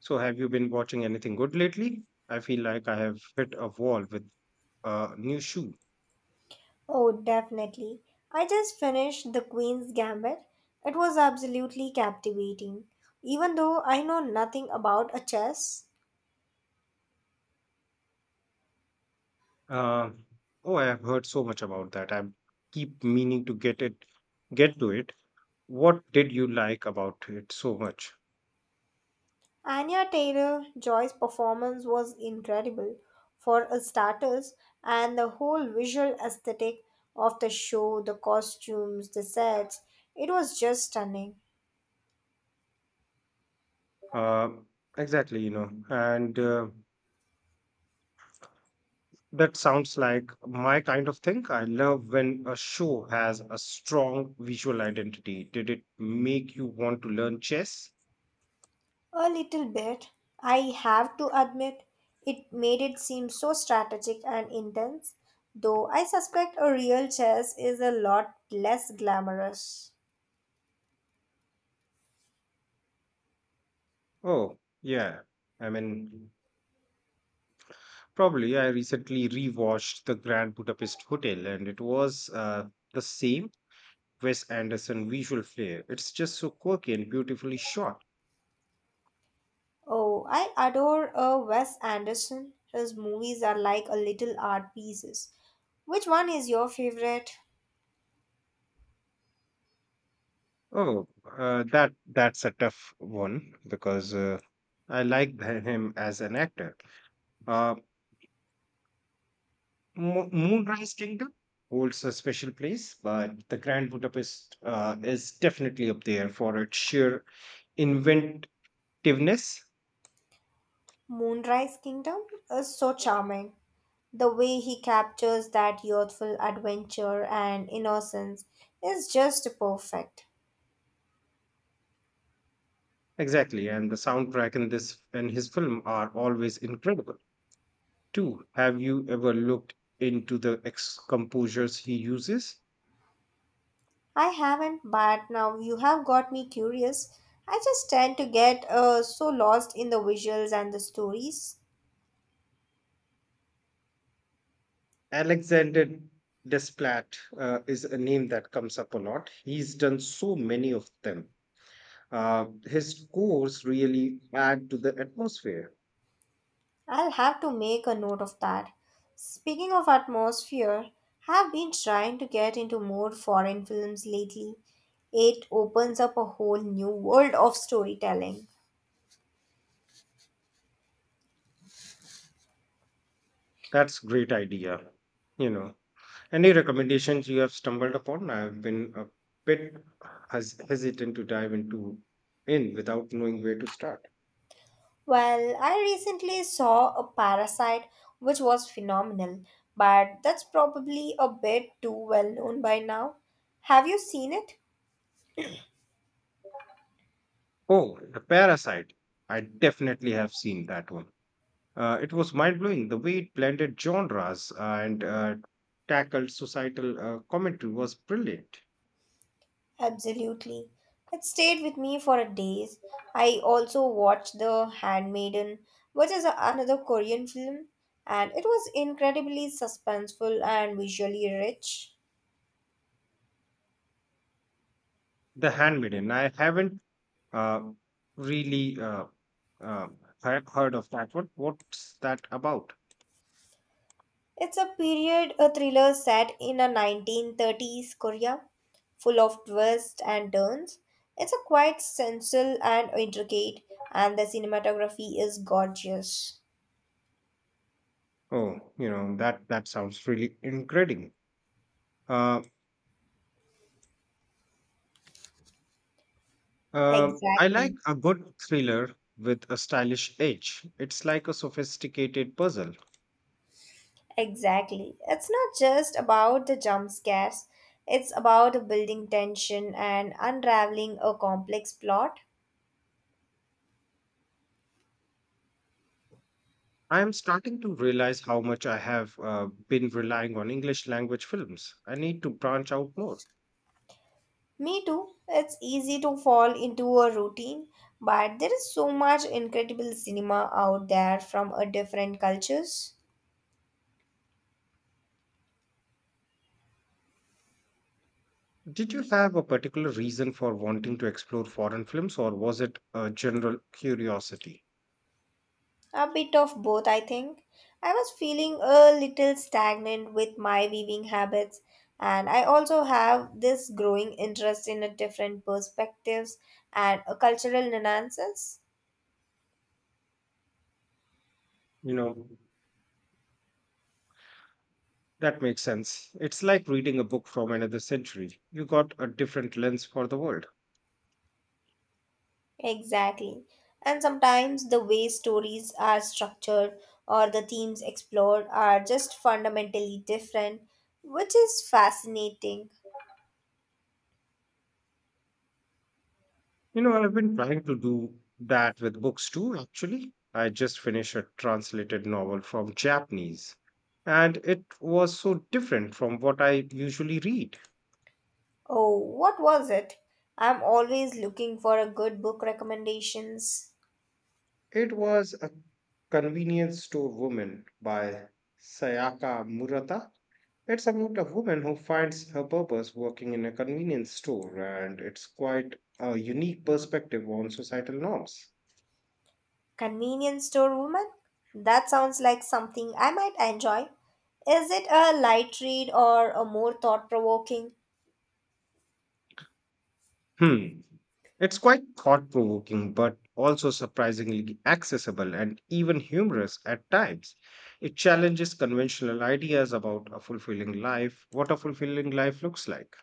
So, have you been watching anything good lately? I feel like I have hit a wall with a new shoe. Oh, definitely. I just finished The Queen's Gambit. It was absolutely captivating. Even though I know nothing about a chess, Uh, oh, I have heard so much about that. I keep meaning to get to it. What did you like about it so much? Anya Taylor-Joy's performance was incredible for a starters, and the whole visual aesthetic of the show, the costumes, the sets, it was just stunning. Uh, exactly, you know, and that sounds like my kind of thing. I love when a show has a strong visual identity. Did it make you want to learn chess? A little bit. I have to admit, it made it seem so strategic and intense, though I suspect a real chess is a lot less glamorous. Oh, yeah. I mean, probably, yeah, I recently rewatched The Grand Budapest Hotel, and it was the same Wes Anderson visual flair. It's just so quirky and beautifully shot. Oh, I adore Wes Anderson. His movies are like a little art pieces. Which one is your favorite? Oh, that's a tough one because I like him as an actor. Uh, Moonrise Kingdom holds a special place, but The Grand Budapest is definitely up there for its sheer inventiveness. Moonrise Kingdom is so charming. The way he captures that youthful adventure and innocence is just perfect. Exactly, and the soundtrack in this and his film are always incredible. Too, have you ever looked into the ex composers he uses? I haven't, but now you have got me curious. I just tend to get so lost in the visuals and the stories. Alexander Desplat is a name that comes up a lot. He's done so many of them. His scores really add to the atmosphere. I'll have to make a note of that. Speaking of atmosphere, have been trying to get into more foreign films lately. It opens up a whole new world of storytelling. That's great idea. You know, any recommendations you have stumbled upon? I've been a bit hesitant to dive into in without knowing where to start. Well, I recently saw a parasite which was phenomenal, but that's probably a bit too well known by now. Have you seen it? Oh, The Parasite. I definitely have seen that one. It was mind blowing. The way it blended genres and tackled societal commentary was brilliant. Absolutely. It stayed with me for a days. I also watched The Handmaiden, which is another Korean film, and it was incredibly suspenseful and visually rich. The Handmaiden. I haven't uh, really uh, uh, heard of that one. What's that about? It's a period a thriller set in a 1930s Korea, full of twists and turns. It's a quite sensual and intricate, and the cinematography is gorgeous. Oh, you know that sounds really incredible. Uh, I like Exactly. a good thriller with a stylish edge. It's like a sophisticated puzzle. Exactly. It's not just about the jump scares, it's about building tension and unraveling a complex plot. I am starting to realize how much I have been relying on English language films. I need to branch out more. Me too. It's easy to fall into a routine, but there is so much incredible cinema out there from a different cultures. Did you have a particular reason for wanting to explore foreign films, or was it a general curiosity? A bit of both, I think. I was feeling a little stagnant with my weaving habits, and I also have this growing interest in a different perspectives and a cultural nuances. You know, that makes sense. It's like reading a book from another century. You got a different lens for the world. Exactly. And sometimes the way stories are structured or the themes explored are just fundamentally different, which is fascinating. You know, I've been trying to do that with books too, actually. I just finished a translated novel from Japanese, and it was so different from what I usually read. Oh, what was it? I'm always looking for a good book recommendations. It was A Convenience Store Woman by Sayaka Murata. It's about a woman who finds her purpose working in a convenience store, and it's quite a unique perspective on societal norms. Convenience Store Woman? That sounds like something I might enjoy. Is it a light read or a more thought provoking? Hmm. It's quite thought provoking, but also surprisingly accessible and even humorous at times. It challenges conventional ideas about a fulfilling life, what a fulfilling life looks like.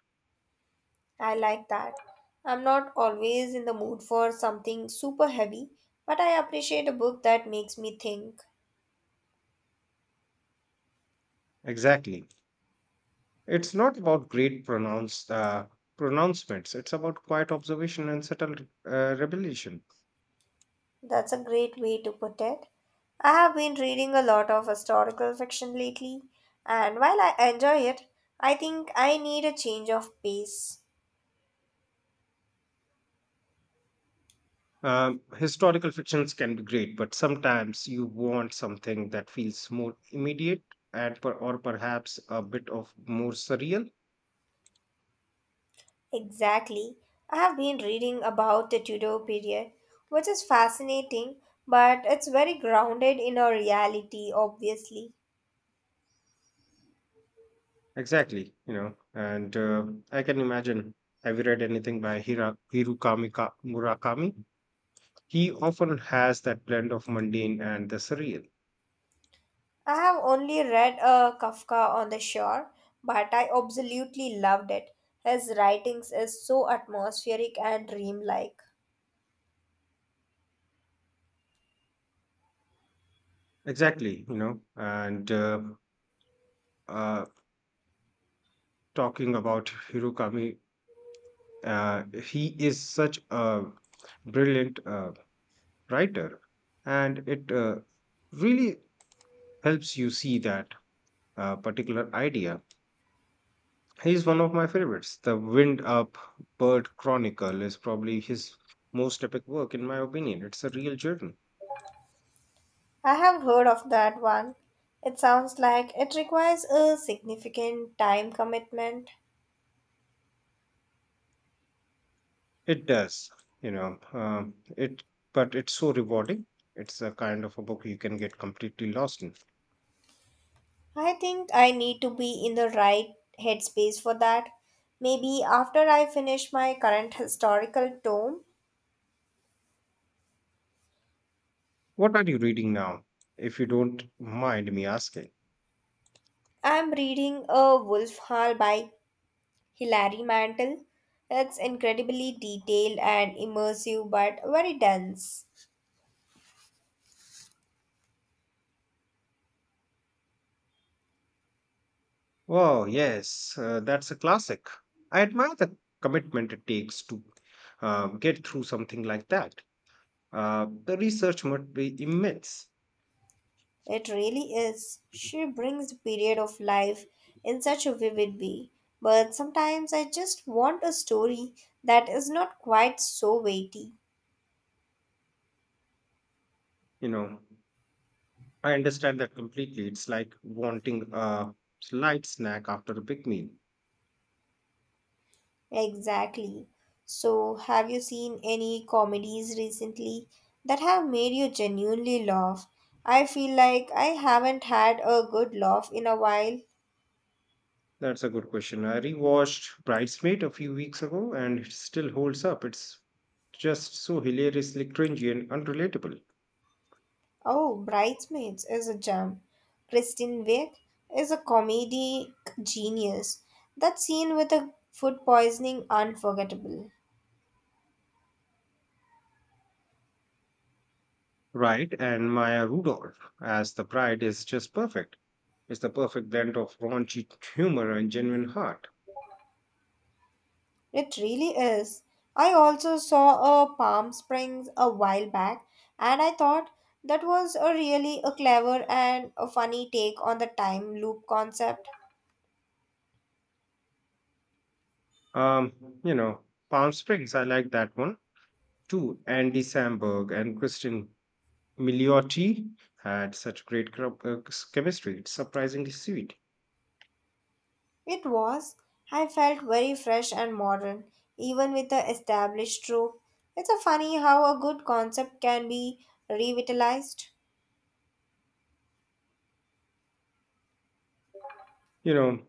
I like that. I'm not always in the mood for something super heavy, but I appreciate a book that makes me think. Exactly. It's not about great pronounced pronouncements, it's about quiet observation and subtle revelation. That's a great way to put it. I have been reading a lot of historical fiction lately, and while I enjoy it, I think I need a change of pace. Historical fictions can be great, but sometimes you want something that feels more immediate and or perhaps a bit of more surreal. Exactly. I have been reading about the Tudor period, which is fascinating, but it's very grounded in our reality, obviously. Exactly, you know, and I can imagine. Have you read anything by Murakami? He often has that blend of mundane and the surreal. I have only read Kafka on the Shore, but I absolutely loved it. His writings is so atmospheric and dreamlike. Exactly, you know, and uh, talking about Hirukami, he is such a brilliant writer, and it really helps you see that particular idea. He's one of my favorites. The Wind Up Bird Chronicle is probably his most epic work, in my opinion. It's a real journey. I have heard of that one. It sounds like it requires a significant time commitment. It does, you know, but it's so rewarding. It's a kind of a book you can get completely lost in. I think I need to be in the right headspace for that. Maybe after I finish my current historical tome, What are you reading now, if you don't mind me asking? I'm reading A Wolf Hall by Hilary Mantel. It's incredibly detailed and immersive, but very dense. Oh, yes, that's a classic. I admire the commitment it takes to get through something like that. The research must be immense, It really is. She brings the period of life in such a vivid way. But sometimes I just want a story that is not quite so weighty. you know. I understand that completely. It's like wanting a light snack after a big meal. Exactly. So, have you seen any comedies recently that have made you genuinely laugh? I feel like I haven't had a good laugh in a while. That's a good question. I rewatched Bridesmaid a few weeks ago and it still holds up. It's just so hilariously cringy and unrelatable. Oh, Bridesmaids is a gem. Kristen Wiig is a comedic genius. That scene with the food poisoning unforgettable. Right, and Maya Rudolph as the bride is just perfect. It's the perfect blend of raunchy humor and genuine heart. It really is. I also saw a Palm Springs a while back and I thought that was a really a clever and a funny take on the time loop concept. Um, you know, Palm Springs, I like that one too. Andy Samberg and Kristen Milioti had such great chemistry. It's surprisingly sweet. It was. I felt very fresh and modern, even with the established trope. It's a funny how a good concept can be revitalized. You know,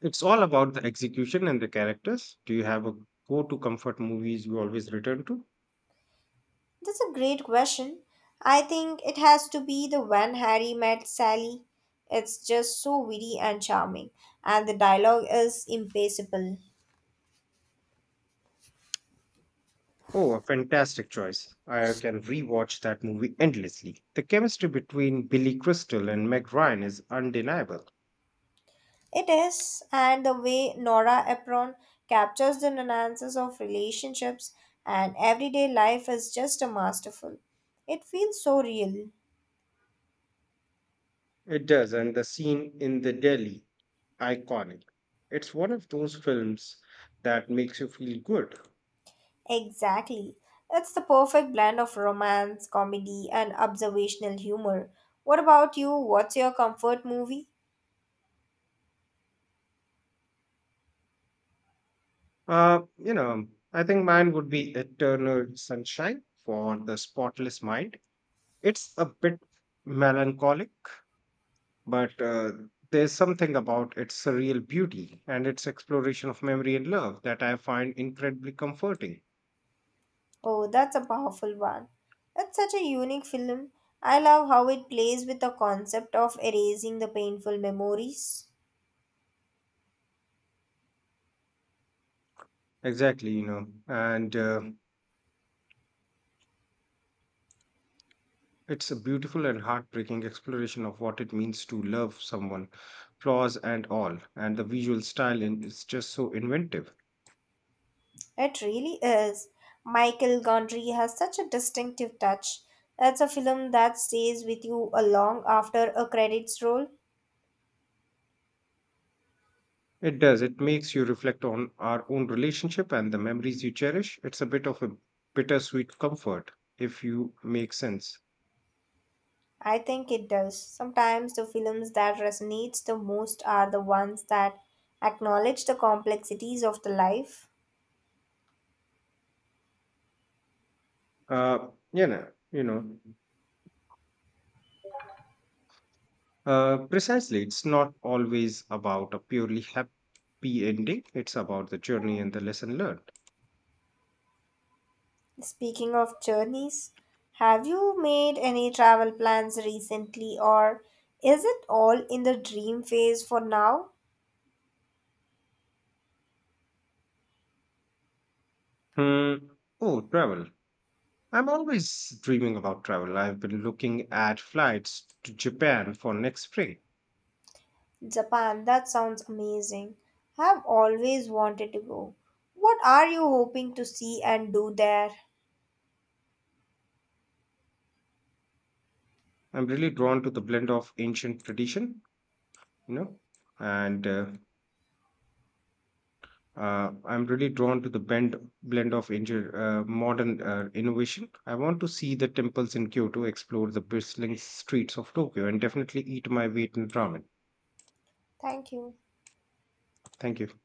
it's all about the execution and the characters. Do you have a go to comfort movies you always return to? That's a great question. I think it has to be the when Harry met Sally. It's just so witty and charming, and the dialogue is impassable. Oh, a fantastic choice. I can rewatch that movie endlessly. The chemistry between Billy Crystal and Meg Ryan is undeniable. It is, and the way Nora Ephron captures the nuances of relationships and everyday life is just a masterful. It feels so real. It does, and the scene in the deli, iconic. It's one of those films that makes you feel good. Exactly. It's the perfect blend of romance, comedy, and observational humor. What about you? What's your comfort movie? You know, I think mine would be Eternal Sunshine for the Spotless Mind. It's a bit melancholic, but there's something about its surreal beauty and its exploration of memory and love that I find incredibly comforting. Oh, that's a powerful one. It's such a unique film. I love how it plays with the concept of erasing the painful memories. Exactly, you know, and it's a beautiful and heartbreaking exploration of what it means to love someone, flaws and all. And the visual style is just so inventive. It really is. Michael Gondry has such a distinctive touch. It's a film that stays with you a long after a credits roll. It does. It makes you reflect on our own relationship and the memories you cherish. It's a bit of a bittersweet comfort, if you make sense. I think it does. Sometimes the films that resonates the most are the ones that acknowledge the complexities of the life. Uh, you know, you know, Precisely. It's not always about a purely happy ending. It's about the journey and the lesson learned. Speaking of journeys, have you made any travel plans recently or is it all in the dream phase for now? Hmm. Oh, travel. I'm always dreaming about travel. I've been looking at flights to Japan for next spring. Japan, that sounds amazing. I've always wanted to go. What are you hoping to see and do there? I'm really drawn to the blend of ancient tradition, you know, and I'm really drawn to the blend of modern innovation. I want to see the temples in Kyoto, explore the bustling streets of Tokyo, and definitely eat my weight in ramen. Thank you. Thank you.